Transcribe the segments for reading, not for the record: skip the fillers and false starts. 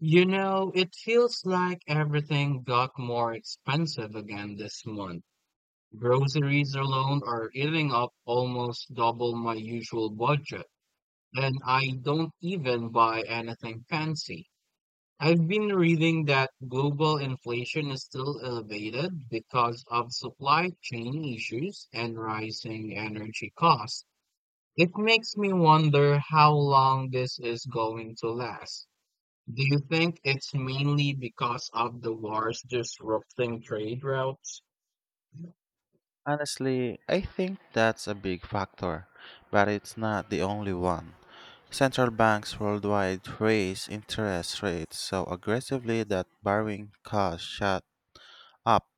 It feels like everything got more expensive again this month. Groceries alone are eating up almost double my usual budget, and I don't even buy anything fancy. I've been reading that global inflation is still elevated because of supply chain issues and rising energy costs. It makes me wonder how long this is going to last. Do you think it's mainly because of the wars disrupting trade routes? Honestly, I think that's a big factor, but it's not the only one. Central banks worldwide raise interest rates so aggressively that borrowing costs shot up,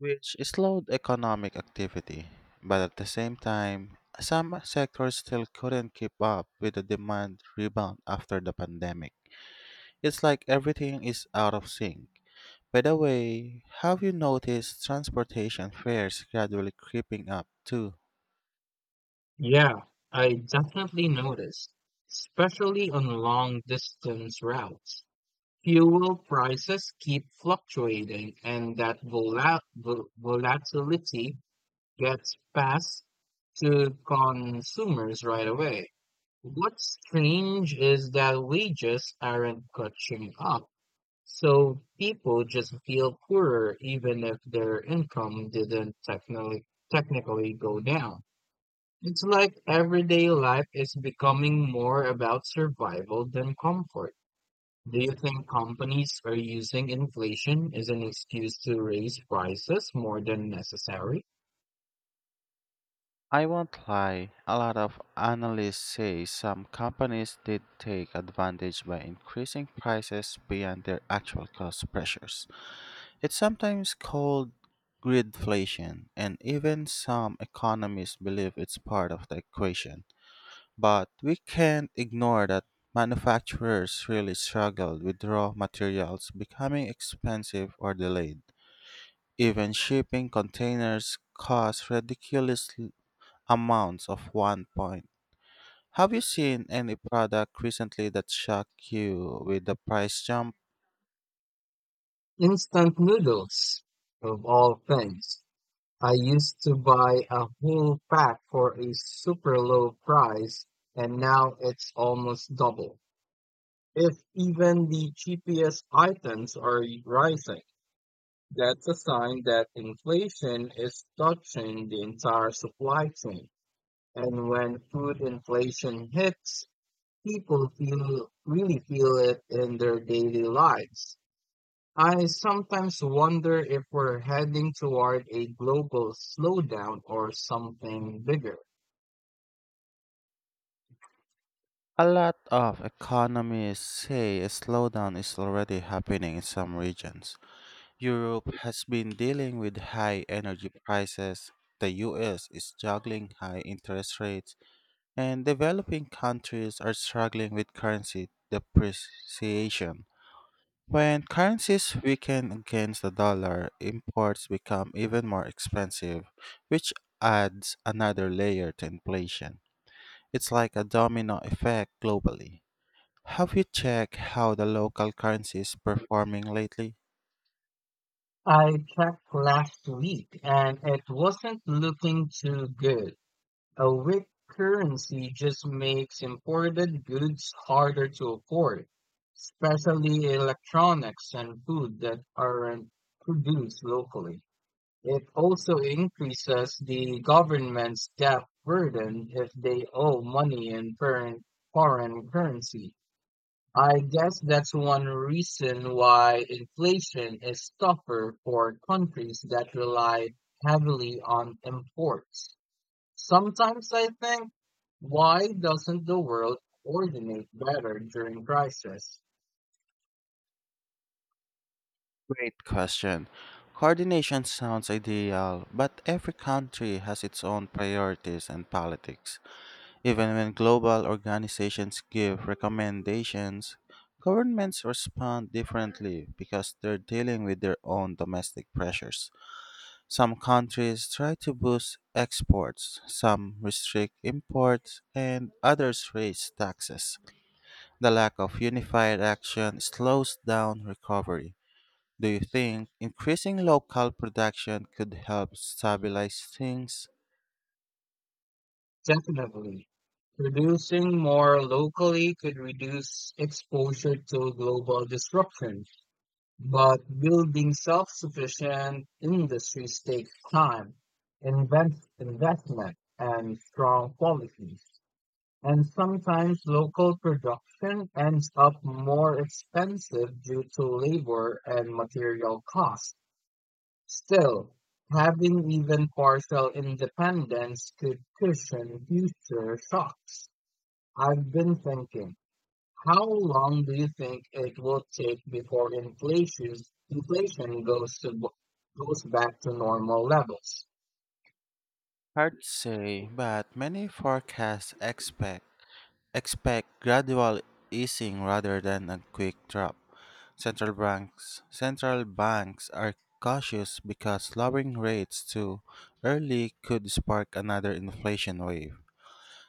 which slowed economic activity. But at the same time, some sectors still couldn't keep up with the demand rebound after the pandemic. It's like everything is out of sync. By the way, have you noticed transportation fares gradually creeping up too? Yeah, I definitely noticed, especially on long distance routes. Fuel prices keep fluctuating, and that volatility gets passed to consumers right away. What's strange is that wages aren't catching up. So people just feel poorer even if their income didn't technically go down. It's like everyday life is becoming more about survival than comfort. Do you think companies are using inflation as an excuse to raise prices more than necessary? I won't lie, a lot of analysts say some companies did take advantage by increasing prices beyond their actual cost pressures. It's sometimes called gridflation, and even some economists believe it's part of the equation. But we can't ignore that manufacturers really struggled with raw materials becoming expensive or delayed. Even shipping containers cost ridiculous amounts of one point. Have you seen any product recently that shocked you with the price jump? Instant noodles, of all things. I used to buy a whole pack for a super low price, and now it's almost double. If even the cheapest items are rising, that's a sign that inflation is touching the entire supply chain. And when food inflation hits, people feel really feel it in their daily lives. I sometimes wonder if we're heading toward a global slowdown or something bigger. A lot of economists say a slowdown is already happening in some regions. Europe has been dealing with high energy prices. The US is juggling high interest rates, and developing countries are struggling with currency depreciation. When currencies weaken against the dollar, imports become even more expensive, which adds another layer to inflation. It's like a domino effect globally. Have you checked how the local currency is performing lately? I checked last week and it wasn't looking too good. A weak currency just makes imported goods harder to afford, especially electronics and food that aren't produced locally. It also increases the government's debt burden if they owe money in foreign currency. I guess that's one reason why inflation is tougher for countries that rely heavily on imports. Sometimes I think, why doesn't the world coordinate better during crisis? Great question. Coordination sounds ideal, but every country has its own priorities and politics. Even when global organizations give recommendations, governments respond differently because they're dealing with their own domestic pressures. Some countries try to boost exports, some restrict imports, and others raise taxes. The lack of unified action slows down recovery. Do you think increasing local production could help stabilize things? Definitely. Producing more locally could reduce exposure to global disruption, but building self-sufficient industries takes time, investment, and strong policies. And sometimes local production ends up more expensive due to labor and material costs. Still, having even partial independence could cushion future shocks. I've been thinking, how long do you think it will take before inflation goes back to normal levels? Hard to say, but many forecasts expect gradual easing rather than a quick drop. Central banks are cautious because lowering rates too early could spark another inflation wave.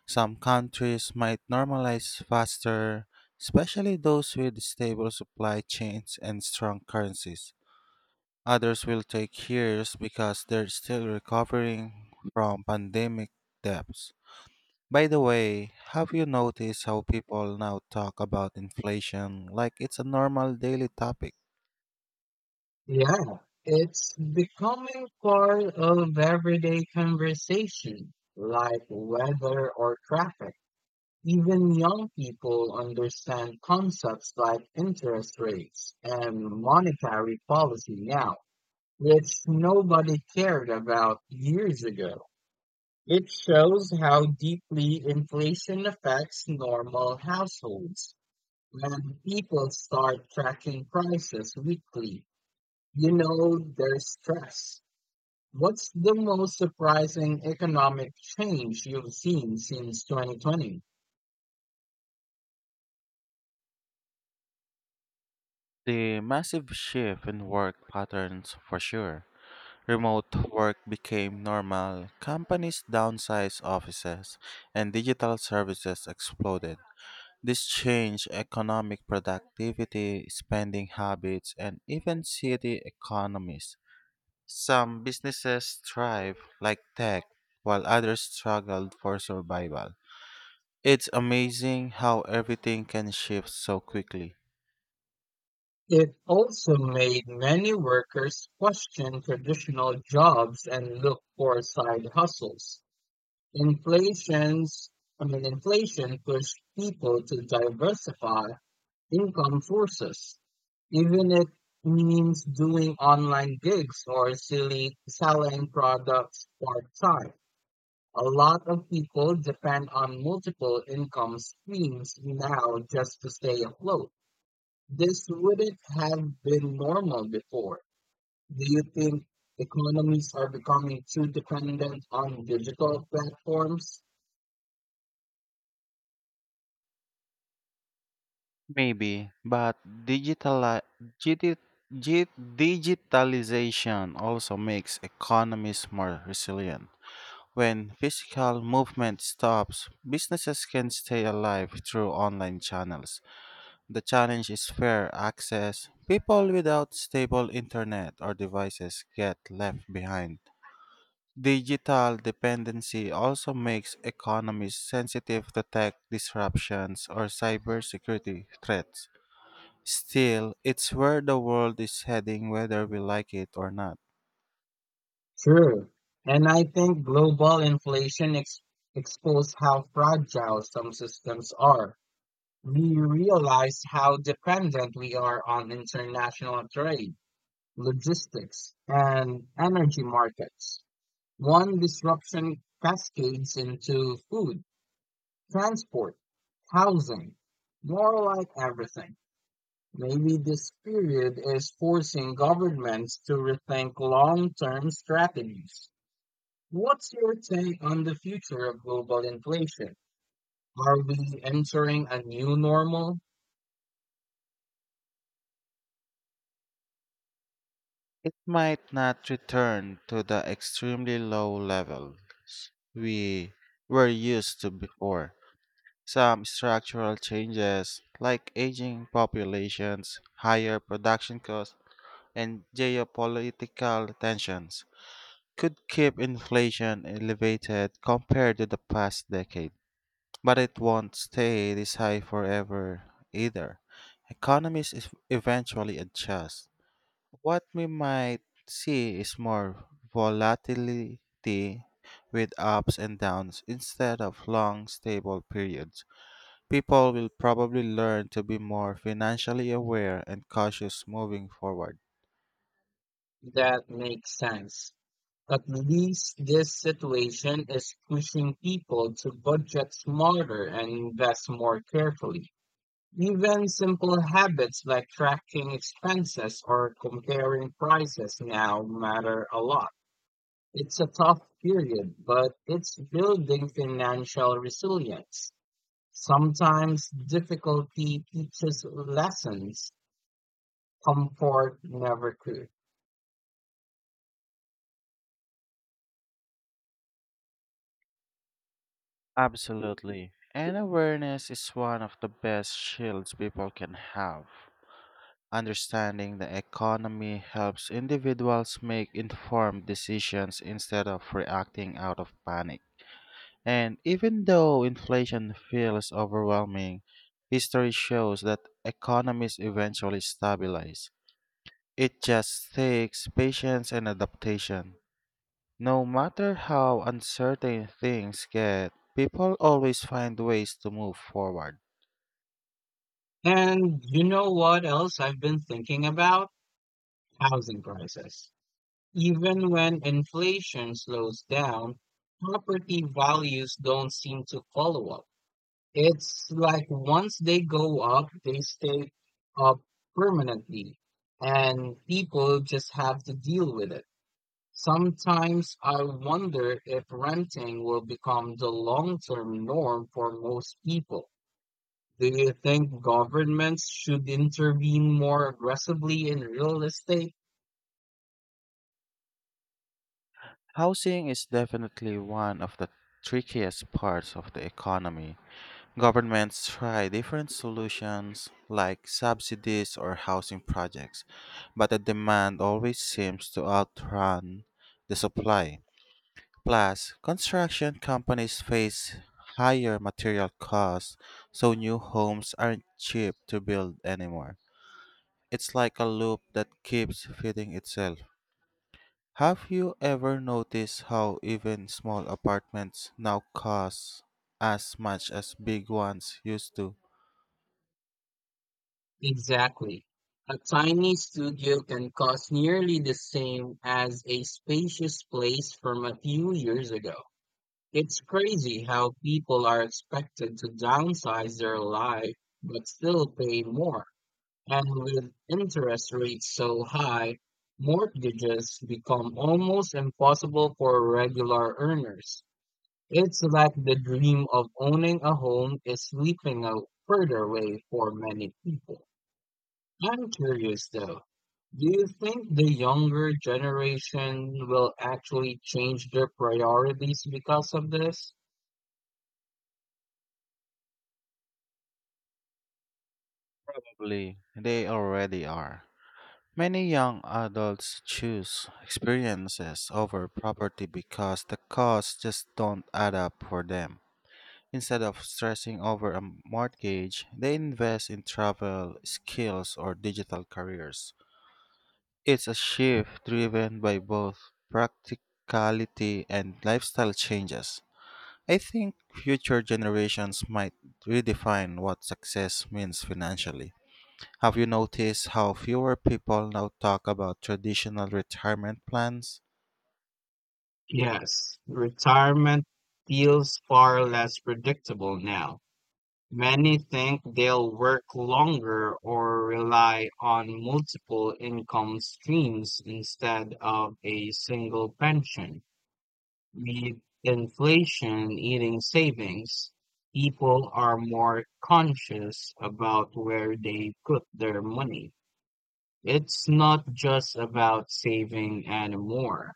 Some countries might normalize faster, especially those with stable supply chains and strong currencies. Others will take years because they're still recovering from pandemic debts. By the way, have you noticed how people now talk about inflation like it's a normal daily topic? Yeah, it's becoming part of everyday conversation, like weather or traffic. Even young people understand concepts like interest rates and monetary policy now, which nobody cared about years ago. It shows how deeply inflation affects normal households. When people start tracking prices weekly, you know their stress. What's the most surprising economic change you've seen since 2020? The massive shift in work patterns for sure. Remote work became normal, companies downsized offices, and digital services exploded. This changed economic productivity, spending habits, and even city economies. Some businesses thrive, like tech, while others struggled for survival. It's amazing how everything can shift so quickly. It also made many workers question traditional jobs and look for side hustles. Inflation's, inflation pushed people to diversify income sources, even if it means doing online gigs or silly selling products part-time. A lot of people depend on multiple income streams now just to stay afloat. This wouldn't have been normal before. Do you think economies are becoming too dependent on digital platforms? Maybe, but digitali- digi- digitalization also makes economies more resilient. When physical movement stops, businesses can stay alive through online channels. The challenge is fair access. People without stable internet or devices get left behind. Digital dependency also makes economies sensitive to tech disruptions or cybersecurity threats. Still, it's where the world is heading whether we like it or not. True. And I think global inflation exposed how fragile some systems are. We realized how dependent we are on international trade, logistics, and energy markets. One disruption cascades into food transport, housing, more like everything. Maybe this period is forcing governments to rethink long term strategies. What's your take on the future of global inflation? Are we entering a new normal? It might not return to the extremely low level we were used to before. Some structural changes, like aging populations, higher production costs, and geopolitical tensions, could keep inflation elevated compared to the past decade, but it won't stay this high forever either. Eventually adjust. What we might see is more volatility with ups and downs instead of long, stable periods. People will probably learn to be more financially aware and cautious moving forward. That makes sense. At least this situation is pushing people to budget smarter and invest more carefully. Even simple habits like tracking expenses or comparing prices now matter a lot. It's a tough period, but it's building financial resilience. Sometimes difficulty teaches lessons comfort never could. Absolutely. And awareness is one of the best shields people can have. Understanding the economy helps individuals make informed decisions instead of reacting out of panic. And even though inflation feels overwhelming, history shows that economies eventually stabilize. It just takes patience and adaptation. No matter how uncertain things get, people always find ways to move forward. And you know what else I've been thinking about? Housing prices. Even when inflation slows down, property values don't seem to follow up. It's like once they go up, they stay up permanently, and people just have to deal with it. Sometimes I wonder if renting will become the long-term norm for most people. Do you think governments should intervene more aggressively in real estate? Housing is definitely one of the trickiest parts of the economy. Governments try different solutions like subsidies or housing projects, but the demand always seems to outrun the supply. Plus, construction companies face higher material costs, so new homes aren't cheap to build anymore. It's like a loop that keeps feeding itself. Have you ever noticed how even small apartments now cost as much as big ones used to? Exactly. A tiny studio can cost nearly the same as a spacious place from a few years ago. It's crazy how people are expected to downsize their life but still pay more. And with interest rates so high, mortgages become almost impossible for regular earners. It's like the dream of owning a home is slipping out further away for many people. I'm curious though, do you think the younger generation will actually change their priorities because of this? Probably they already are. Many young adults choose experiences over property because the costs just don't add up for them. Instead of stressing over a mortgage, they invest in travel, skills, or digital careers. It's a shift driven by both practicality and lifestyle changes. I think future generations might redefine what success means financially. Have you noticed how fewer people now talk about traditional retirement plans? Yes, retirement feels far less predictable now. Many think they'll work longer or rely on multiple income streams instead of a single pension. With inflation eating savings, people are more conscious about where they put their money. It's not just about saving anymore.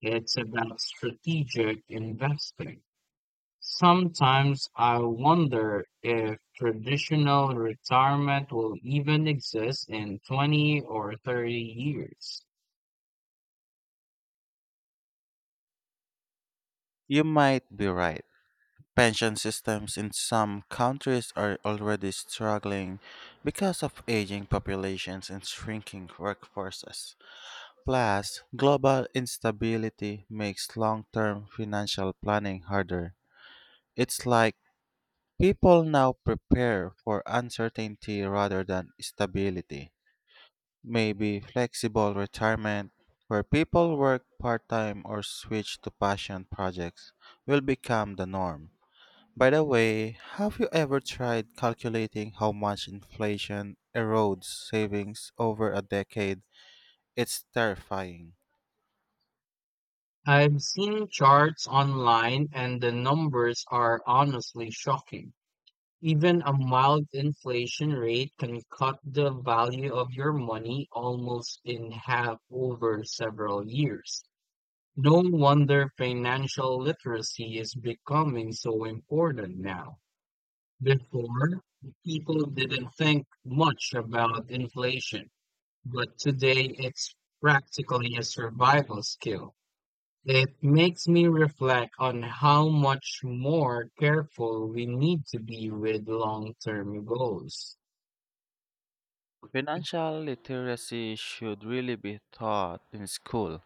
It's about strategic investing. Sometimes I wonder if traditional retirement will even exist in 20 or 30 years. You might be right. Pension systems in some countries are already struggling because of aging populations and shrinking workforces. Plus, global instability makes long term financial planning harder. It's like people now prepare for uncertainty rather than stability. Maybe flexible retirement, where people work part time or switch to passion projects, will become the norm. By the way, have you ever tried calculating how much inflation erodes savings over a decade? It's terrifying. I've seen charts online and the numbers are honestly shocking. Even a mild inflation rate can cut the value of your money almost in half over several years. No wonder financial literacy is becoming so important now. Before, people didn't think much about inflation, but today it's practically a survival skill. It makes me reflect on how much more careful we need to be with long term goals. Financial literacy should really be taught in school.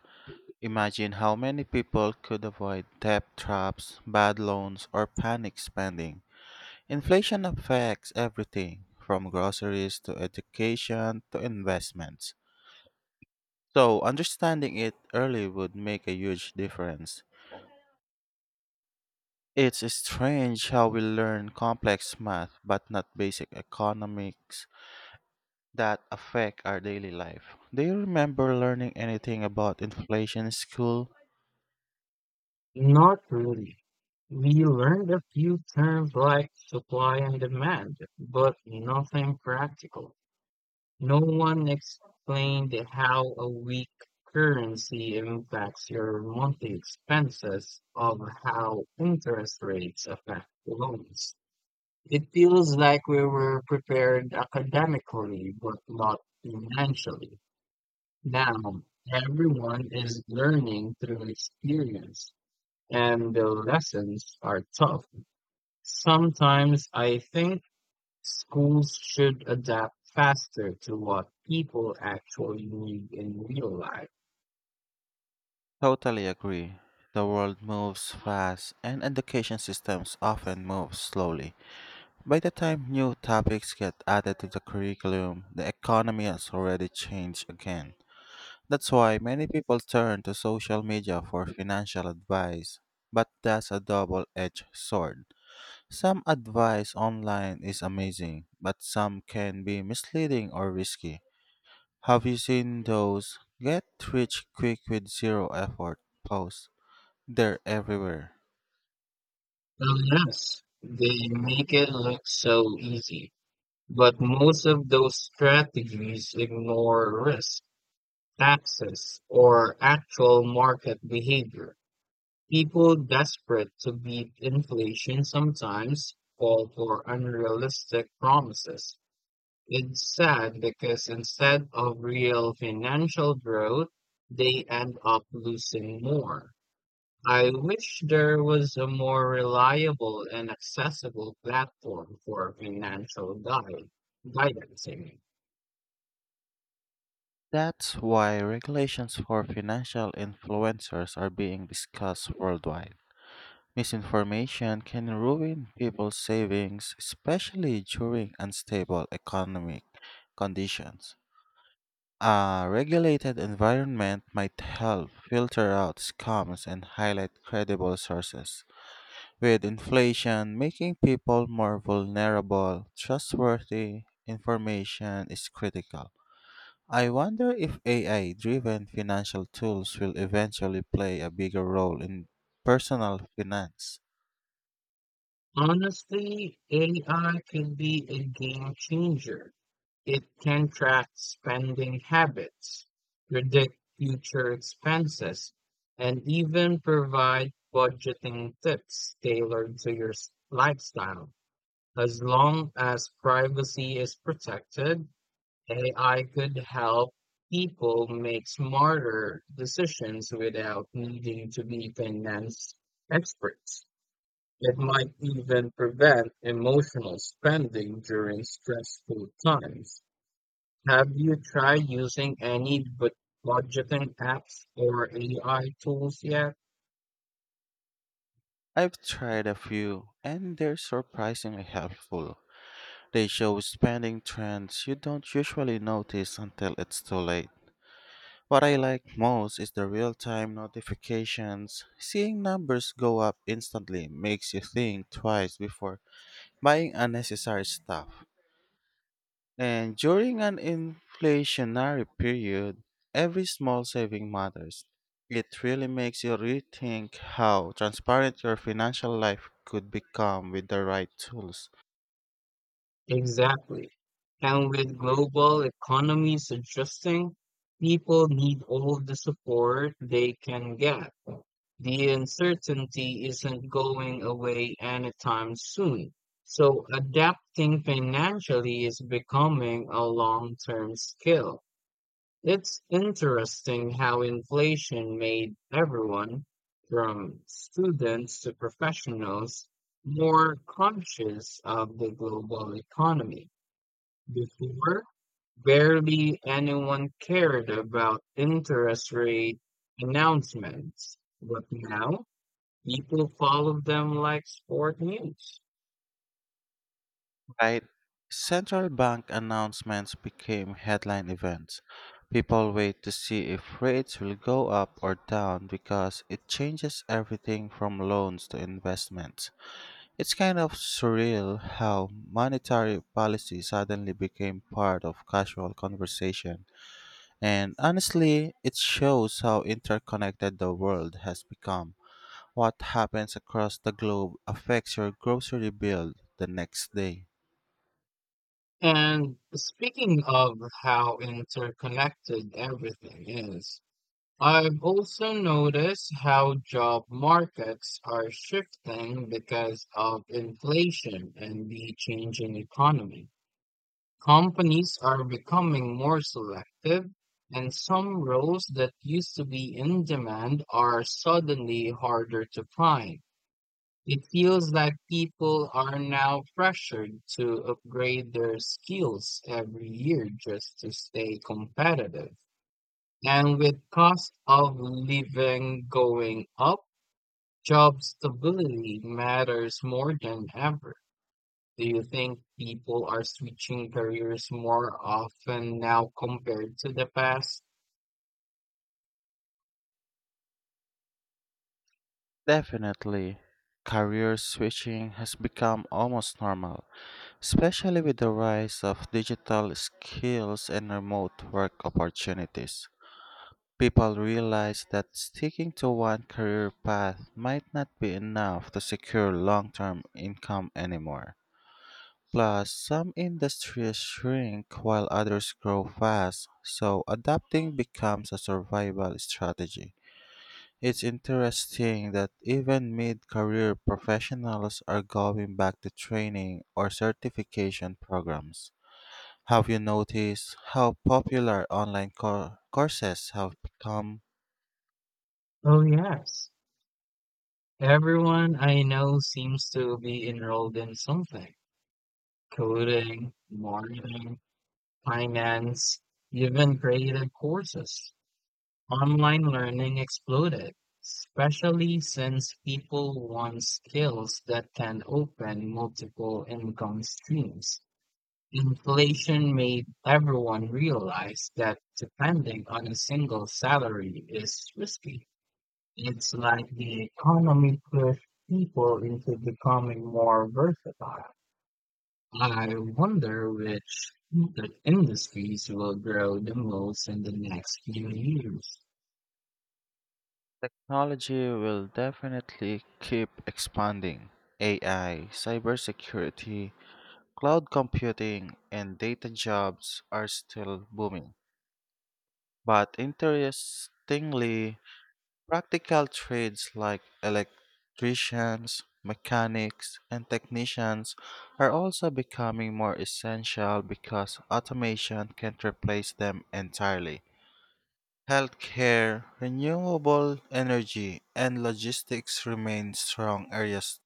Imagine how many people could avoid debt traps, bad loans, or panic spending. Inflation affects everything, from groceries to education to investments. So, understanding it early would make a huge difference. It's strange how we learn complex math but not basic economics that affect our daily life. Do you remember learning anything about inflation in school? Not really. We learned a few terms like supply and demand, but nothing practical. No one explained how a weak currency impacts your monthly expenses of how interest rates affect loans. It feels like we were prepared academically, but not financially. Now, everyone is learning through experience, and the lessons are tough. Sometimes I think schools should adapt faster to what people actually need in real life. Totally agree. The world moves fast and education systems often move slowly. By the time new topics get added to the curriculum, the economy has already changed again. That's why many people turn to social media for financial advice, but that's a double edged sword. Some advice online is amazing, but some can be misleading or risky. Have you seen those get rich quick with zero effort posts? They're everywhere. Unless they make it look so easy. But most of those strategies ignore risk, access, or actual market behavior. People desperate to beat inflation sometimes fall for unrealistic promises. It's sad because instead of real financial growth, they end up losing more. I wish there was a more reliable and accessible platform for financial guidance. I mean. That's why regulations for financial influencers are being discussed worldwide. Misinformation can ruin people's savings, especially during unstable economic conditions. A regulated environment might help filter out scams and highlight credible sources. With inflation making people more vulnerable, trustworthy information is critical. I wonder if AI driven financial tools will eventually play a bigger role in personal finance. Honestly, AI could be a game changer. It can track spending habits, predict future expenses, and even provide budgeting tips tailored to your lifestyle. As long as privacy is protected, AI could help people make smarter decisions without needing to be finance experts. It might even prevent emotional spending during stressful times. Have you tried using any budgeting apps or AI tools yet? I've tried a few and they're surprisingly helpful. They show spending trends you don't usually notice until it's too late. What I like most is the real time notifications. Seeing numbers go up instantly makes you think twice before buying unnecessary stuff. And during an inflationary period, every small saving matters. It really makes you rethink how transparent your financial life could become with the right tools. Exactly. And with global economies adjusting, people need all the support they can get. The uncertainty isn't going away anytime soon. So adapting financially is becoming a long-term skill. It's interesting how inflation made everyone, from students to professionals, more conscious of the global economy. Before, barely anyone cared about interest rate announcements, but now people follow them like sport news. Right. Central bank announcements became headline events. People wait to see if rates will go up or down because it changes everything from loans to investments. It's kind of surreal how monetary policy suddenly became part of casual conversation. And honestly, it shows how interconnected the world has become. What happens across the globe affects your grocery bill the next day. And speaking of how interconnected everything is, I've also noticed how job markets are shifting because of inflation and the changing economy. Companies are becoming more selective, and some roles that used to be in demand are suddenly harder to find. It feels like people are now pressured to upgrade their skills every year just to stay competitive. And with cost of living going up, job stability matters more than ever. Do you think people are switching careers more often now compared to the past? Definitely. Career switching has become almost normal, especially with the rise of digital skills and remote work opportunities. People realize that sticking to one career path might not be enough to secure long term income anymore. Plus, some industries shrink while others grow fast, so adapting becomes a survival strategy. It's interesting that even mid career professionals are going back to training or certification programs. Have you noticed how popular online courses have become? Oh, yes. Everyone I know seems to be enrolled in something: coding, marketing, finance, even creative courses. Online learning exploded, especially since people want skills that can open multiple income streams. Inflation made everyone realize that depending on a single salary is risky. It's like the economy pushed people into becoming more versatile. I wonder which industries will grow the most in the next few years. Technology will definitely keep expanding. AI, cybersecurity, cloud computing, and data jobs are still booming. But interestingly, practical trades like electricians, mechanics, and technicians are also becoming more essential because automation can't replace them entirely. Healthcare, renewable energy, and logistics remain strong areas.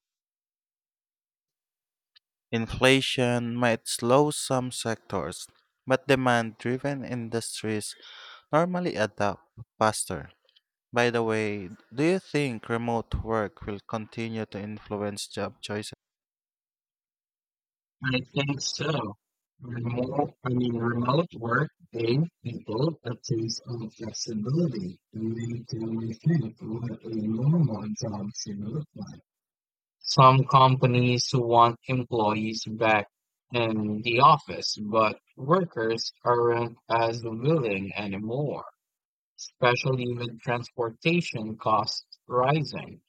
Inflation might slow some sectors, but demand driven industries normally adapt faster. By the way, do you think remote work will continue to influence job choices? I think so. Remote work gave people a taste of flexibility and made them rethink what a normal job should look like. Some companies want employees back in the office, but workers aren't as willing anymore, especially with transportation costs rising.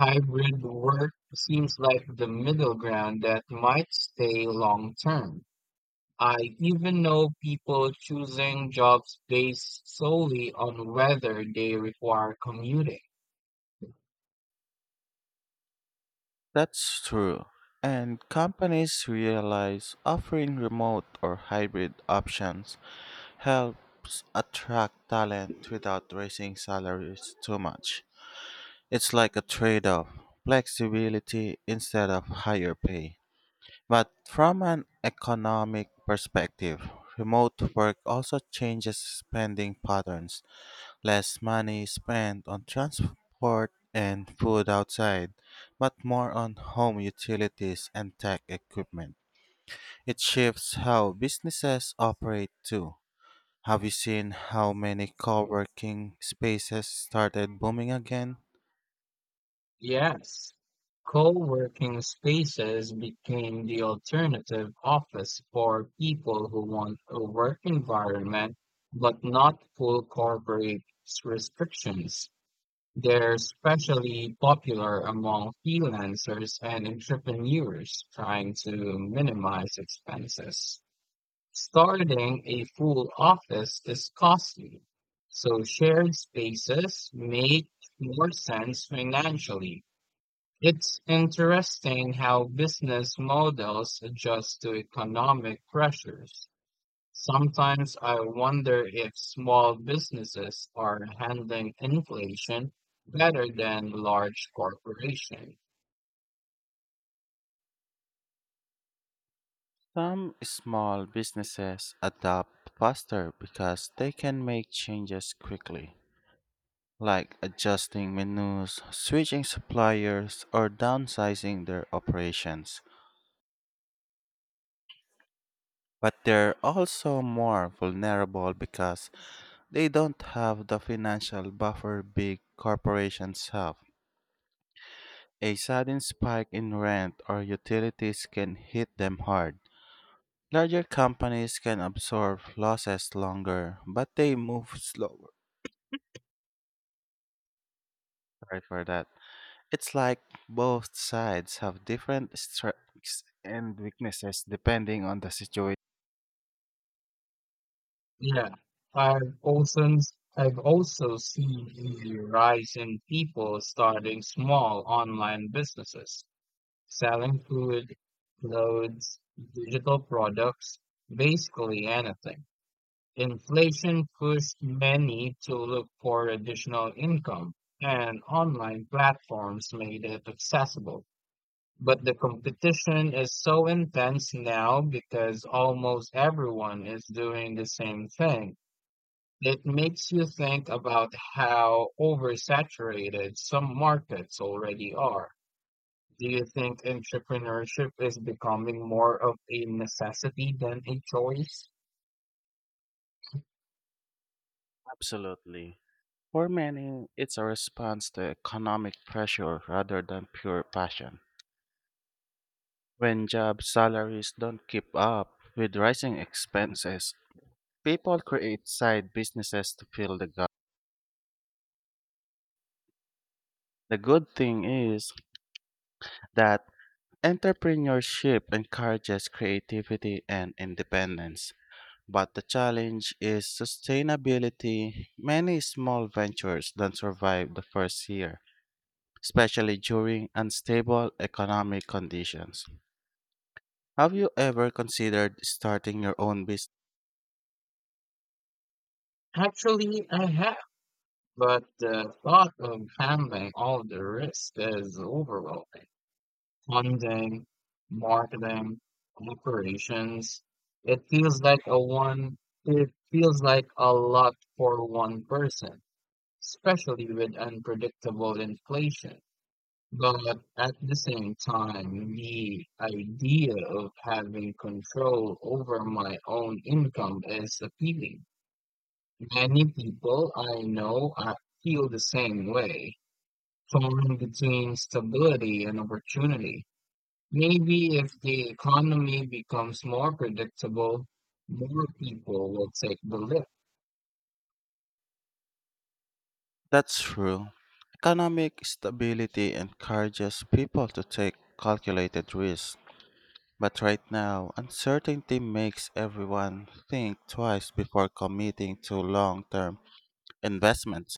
Hybrid work seems like the middle ground that might stay long term. I even know people choosing jobs based solely on whether they require commuting. That's true. And companies realize offering remote or hybrid options helps attract talent without raising salaries too much. It's like a trade off flexibility instead of higher pay. But from an economic perspective, remote work also changes spending patterns. Less money is spent on transport and food outside, but more on home utilities and tech equipment. It shifts how businesses operate too. Have you seen how many co working spaces started booming again? Yes, co-working spaces became the alternative office for people who want a work environment but not full corporate restrictions. They're especially popular among freelancers and entrepreneurs trying to minimize expenses. Starting a full office is costly, so shared spaces make more sense financially. It's interesting how business models adjust to economic pressures. Sometimes I wonder if small businesses are handling inflation better than large corporations. Some small businesses adapt faster because they can make changes quickly, like adjusting menus, switching suppliers, or downsizing their operations. But they're also more vulnerable because they don't have the financial buffer big corporations have. A sudden spike in rent or utilities can hit them hard. Larger companies can absorb losses longer, but they move slower. Sorry for that. It's like both sides have different strengths and weaknesses depending on the situation. Yeah, I've also I've also seen the rise in people starting small online businesses, selling food, clothes, digital products, basically anything. Inflation pushed many to look for additional income, and online platforms made it accessible. But the competition is so intense now because almost everyone is doing the same thing. It makes you think about how oversaturated some markets already are. Do you think entrepreneurship is becoming more of a necessity than a choice? Absolutely. For many, it's a response to economic pressure rather than pure passion. When job salaries don't keep up with rising expenses, people create side businesses to fill the gap. The good thing is that entrepreneurship encourages creativity and independence. But the challenge is sustainability. Many small ventures don't survive the first year, especially during unstable economic conditions. Have you ever considered starting your own business? Actually, I have. But the thought of handling all of the risk is overwhelming. Funding, marketing, operations. It feels like a one, it feels like a lot for one person, especially with unpredictable inflation. But at the same time, the idea of having control over my own income is appealing. Many people I know feel the same way, torn between stability and opportunity. Maybe if the economy becomes more predictable, more people will take the leap. That's true. Economic stability encourages people to take calculated risks. But right now, uncertainty makes everyone think twice before committing to long term investments.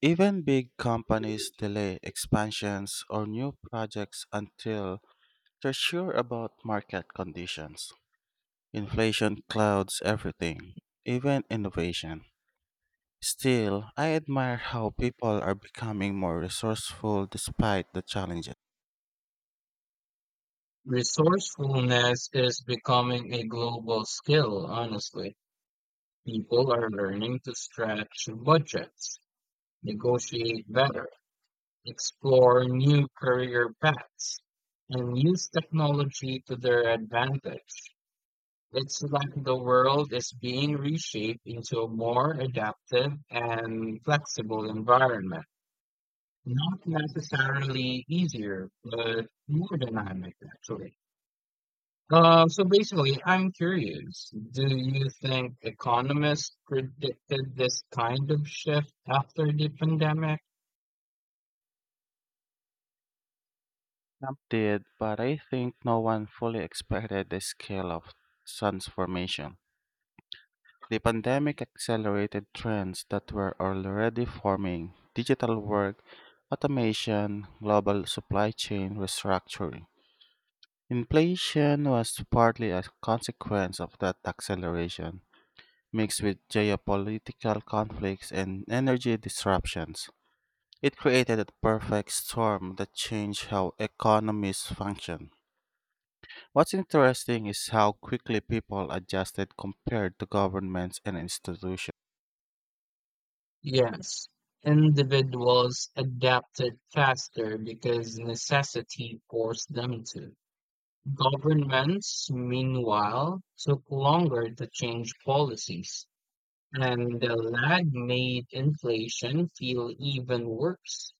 Even big companies delay expansions or new projects until they're sure about market conditions. Inflation clouds everything, even innovation. Still, I admire how people are becoming more resourceful despite the challenges. Resourcefulness is becoming a global skill, honestly. People are learning to stretch budgets, negotiate better, explore new career paths, and use technology to their advantage. It's like the world is being reshaped into a more adaptive and flexible environment. Not necessarily easier, but more dynamic, actually. So basically, I'm curious, do you think economists predicted this kind of shift after the pandemic? Some did, but I think no one fully expected the scale of transformation. The pandemic accelerated trends that were already forming digital work, automation, global supply chain restructuring. Inflation was partly a consequence of that acceleration, mixed with geopolitical conflicts and energy disruptions. It created a perfect storm that changed how economies function. What's interesting is how quickly people adjusted compared to governments and institutions. Yes. Individuals adapted faster because necessity forced them to. Governments, meanwhile, took longer to change policies, and the lag made inflation feel even worse.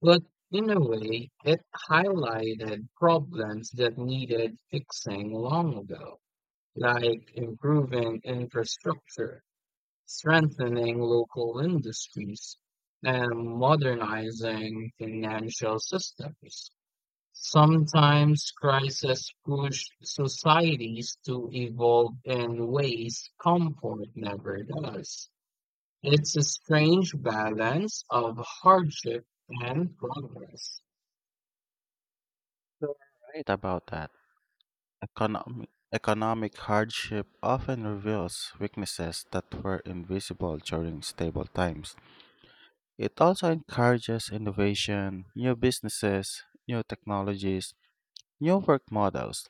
But in a way, it highlighted problems that needed fixing long ago, like improving infrastructure, strengthening local industries, and modernizing financial systems. Sometimes crises push societies to evolve in ways comfort never does. It's a strange balance of hardship and progress. You're right about that. Economic hardship often reveals weaknesses that were invisible during stable times. It also encourages innovation, new businesses, new technologies, new work models.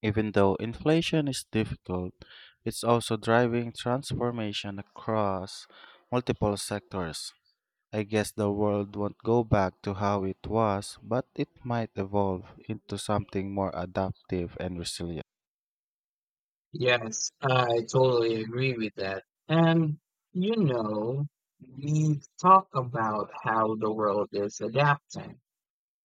Even though inflation is difficult, it's also driving transformation across multiple sectors. I guess the world won't go back to how it was, but it might evolve into something more adaptive and resilient. Yes, I totally agree with that. And, you know, we talk about how the world is adapting.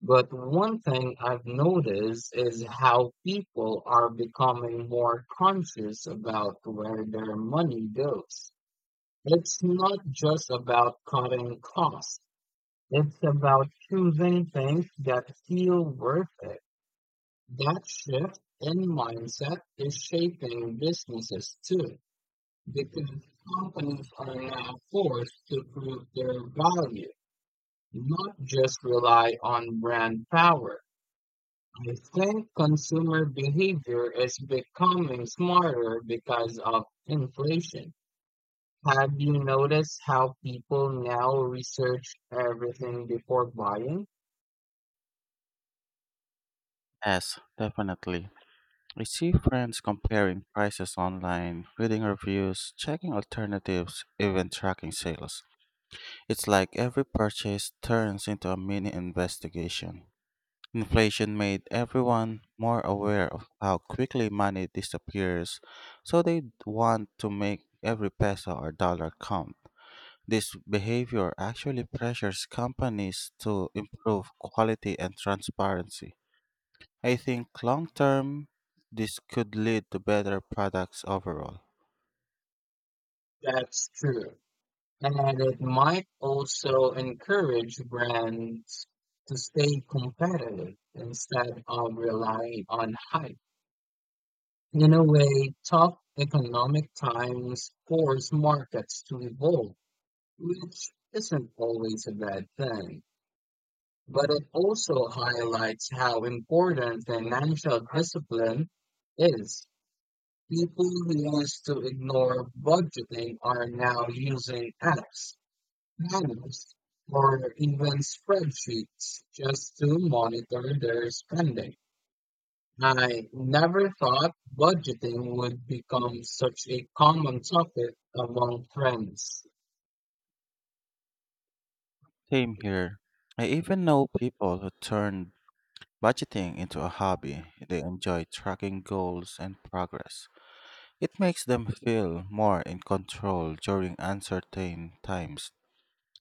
But one thing I've noticed is how people are becoming more conscious about where their money goes. It's not just about cutting costs. It's about choosing things that feel worth it. That shift in mindset is shaping businesses too, because companies are now forced to prove their value, not just rely on brand power. I think consumer behavior is becoming smarter because of inflation. Have you noticed how people now research everything before buying? Yes, definitely. I see friends comparing prices online, reading reviews, checking alternatives, even tracking sales. It's like every purchase turns into a mini investigation. Inflation made everyone more aware of how quickly money disappears, so they want to make every peso or dollar count. This behavior actually pressures companies to improve quality and transparency. I think long term, this could lead to better products overall. That's true. And it might also encourage brands to stay competitive instead of relying on hype. In a way, tough economic times force markets to evolve, which isn't always a bad thing. But it also highlights how important financial discipline is. People who used to ignore budgeting are now using apps, planners, or even spreadsheets just to monitor their spending. I never thought budgeting would become such a common topic among friends. Same here. I even know people who turned budgeting into a hobby. They enjoy tracking goals and progress. It makes them feel more in control during uncertain times.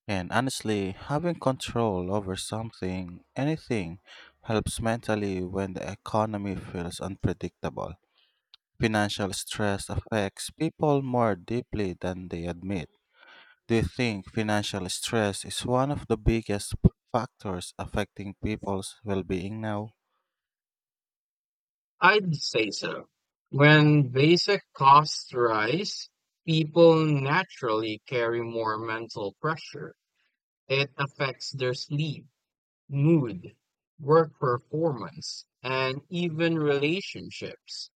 And honestly, having control over something, anything, helps mentally when the economy feels unpredictable. Financial stress affects people more deeply than they admit. Do you think financial stress is one of the biggest factors affecting people's well being now? I'd say so. When basic costs rise, people naturally carry more mental pressure. It affects their sleep, mood, work performance, and even relationships.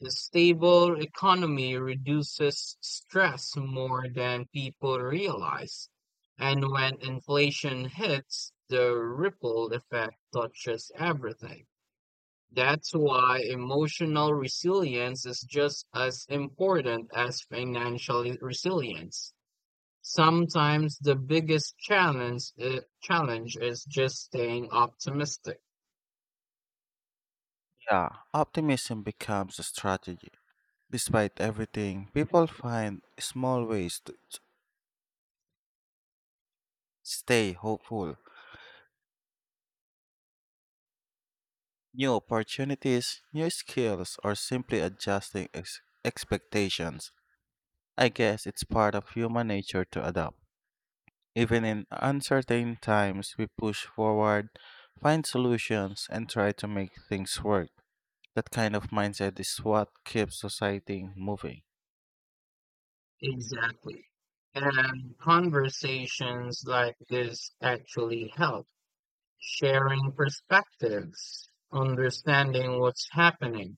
The stable economy reduces stress more than people realize. And when inflation hits, the ripple effect touches everything. That's why emotional resilience is just as important as financial resilience. Sometimes the biggest challenge is just staying optimistic. Yeah, optimism becomes a strategy. Despite everything, people find small ways to stay hopeful. New opportunities, new skills, or simply adjusting expectations. I guess it's part of human nature to adapt. Even in uncertain times, we push forward, find solutions, and try to make things work. That kind of mindset is what keeps society moving. Exactly. And conversations like this actually help. Sharing perspectives, understanding what's happening,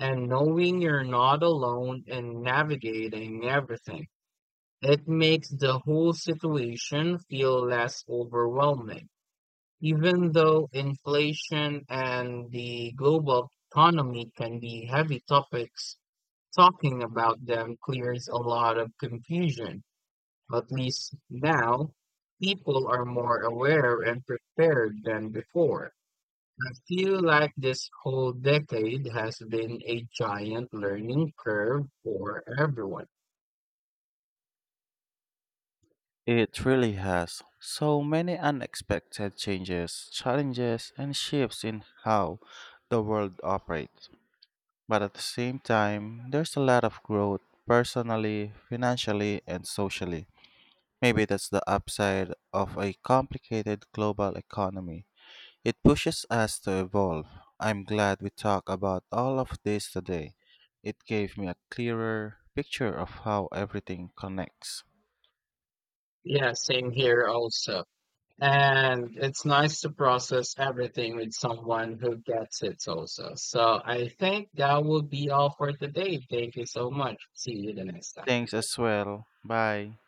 and knowing you're not alone in navigating everything. It makes the whole situation feel less overwhelming, even though inflation and the global economy can be heavy topics. Talking about them clears a lot of confusion. At least now, people are more aware and prepared than before. I feel like this whole decade has been a giant learning curve for everyone. It really has. So many unexpected changes, challenges, and shifts in how the world operates. But at the same time, there's a lot of growth personally, financially, and socially. Maybe that's the upside of a complicated global economy. It pushes us to evolve. I'm glad we talked about all of this today. It gave me a clearer picture of how everything connects. Yeah, same here also. And it's nice to process everything with someone who gets it also. So I think that will be all for today. Thank you so much. See you the next time. Thanks as well. Bye.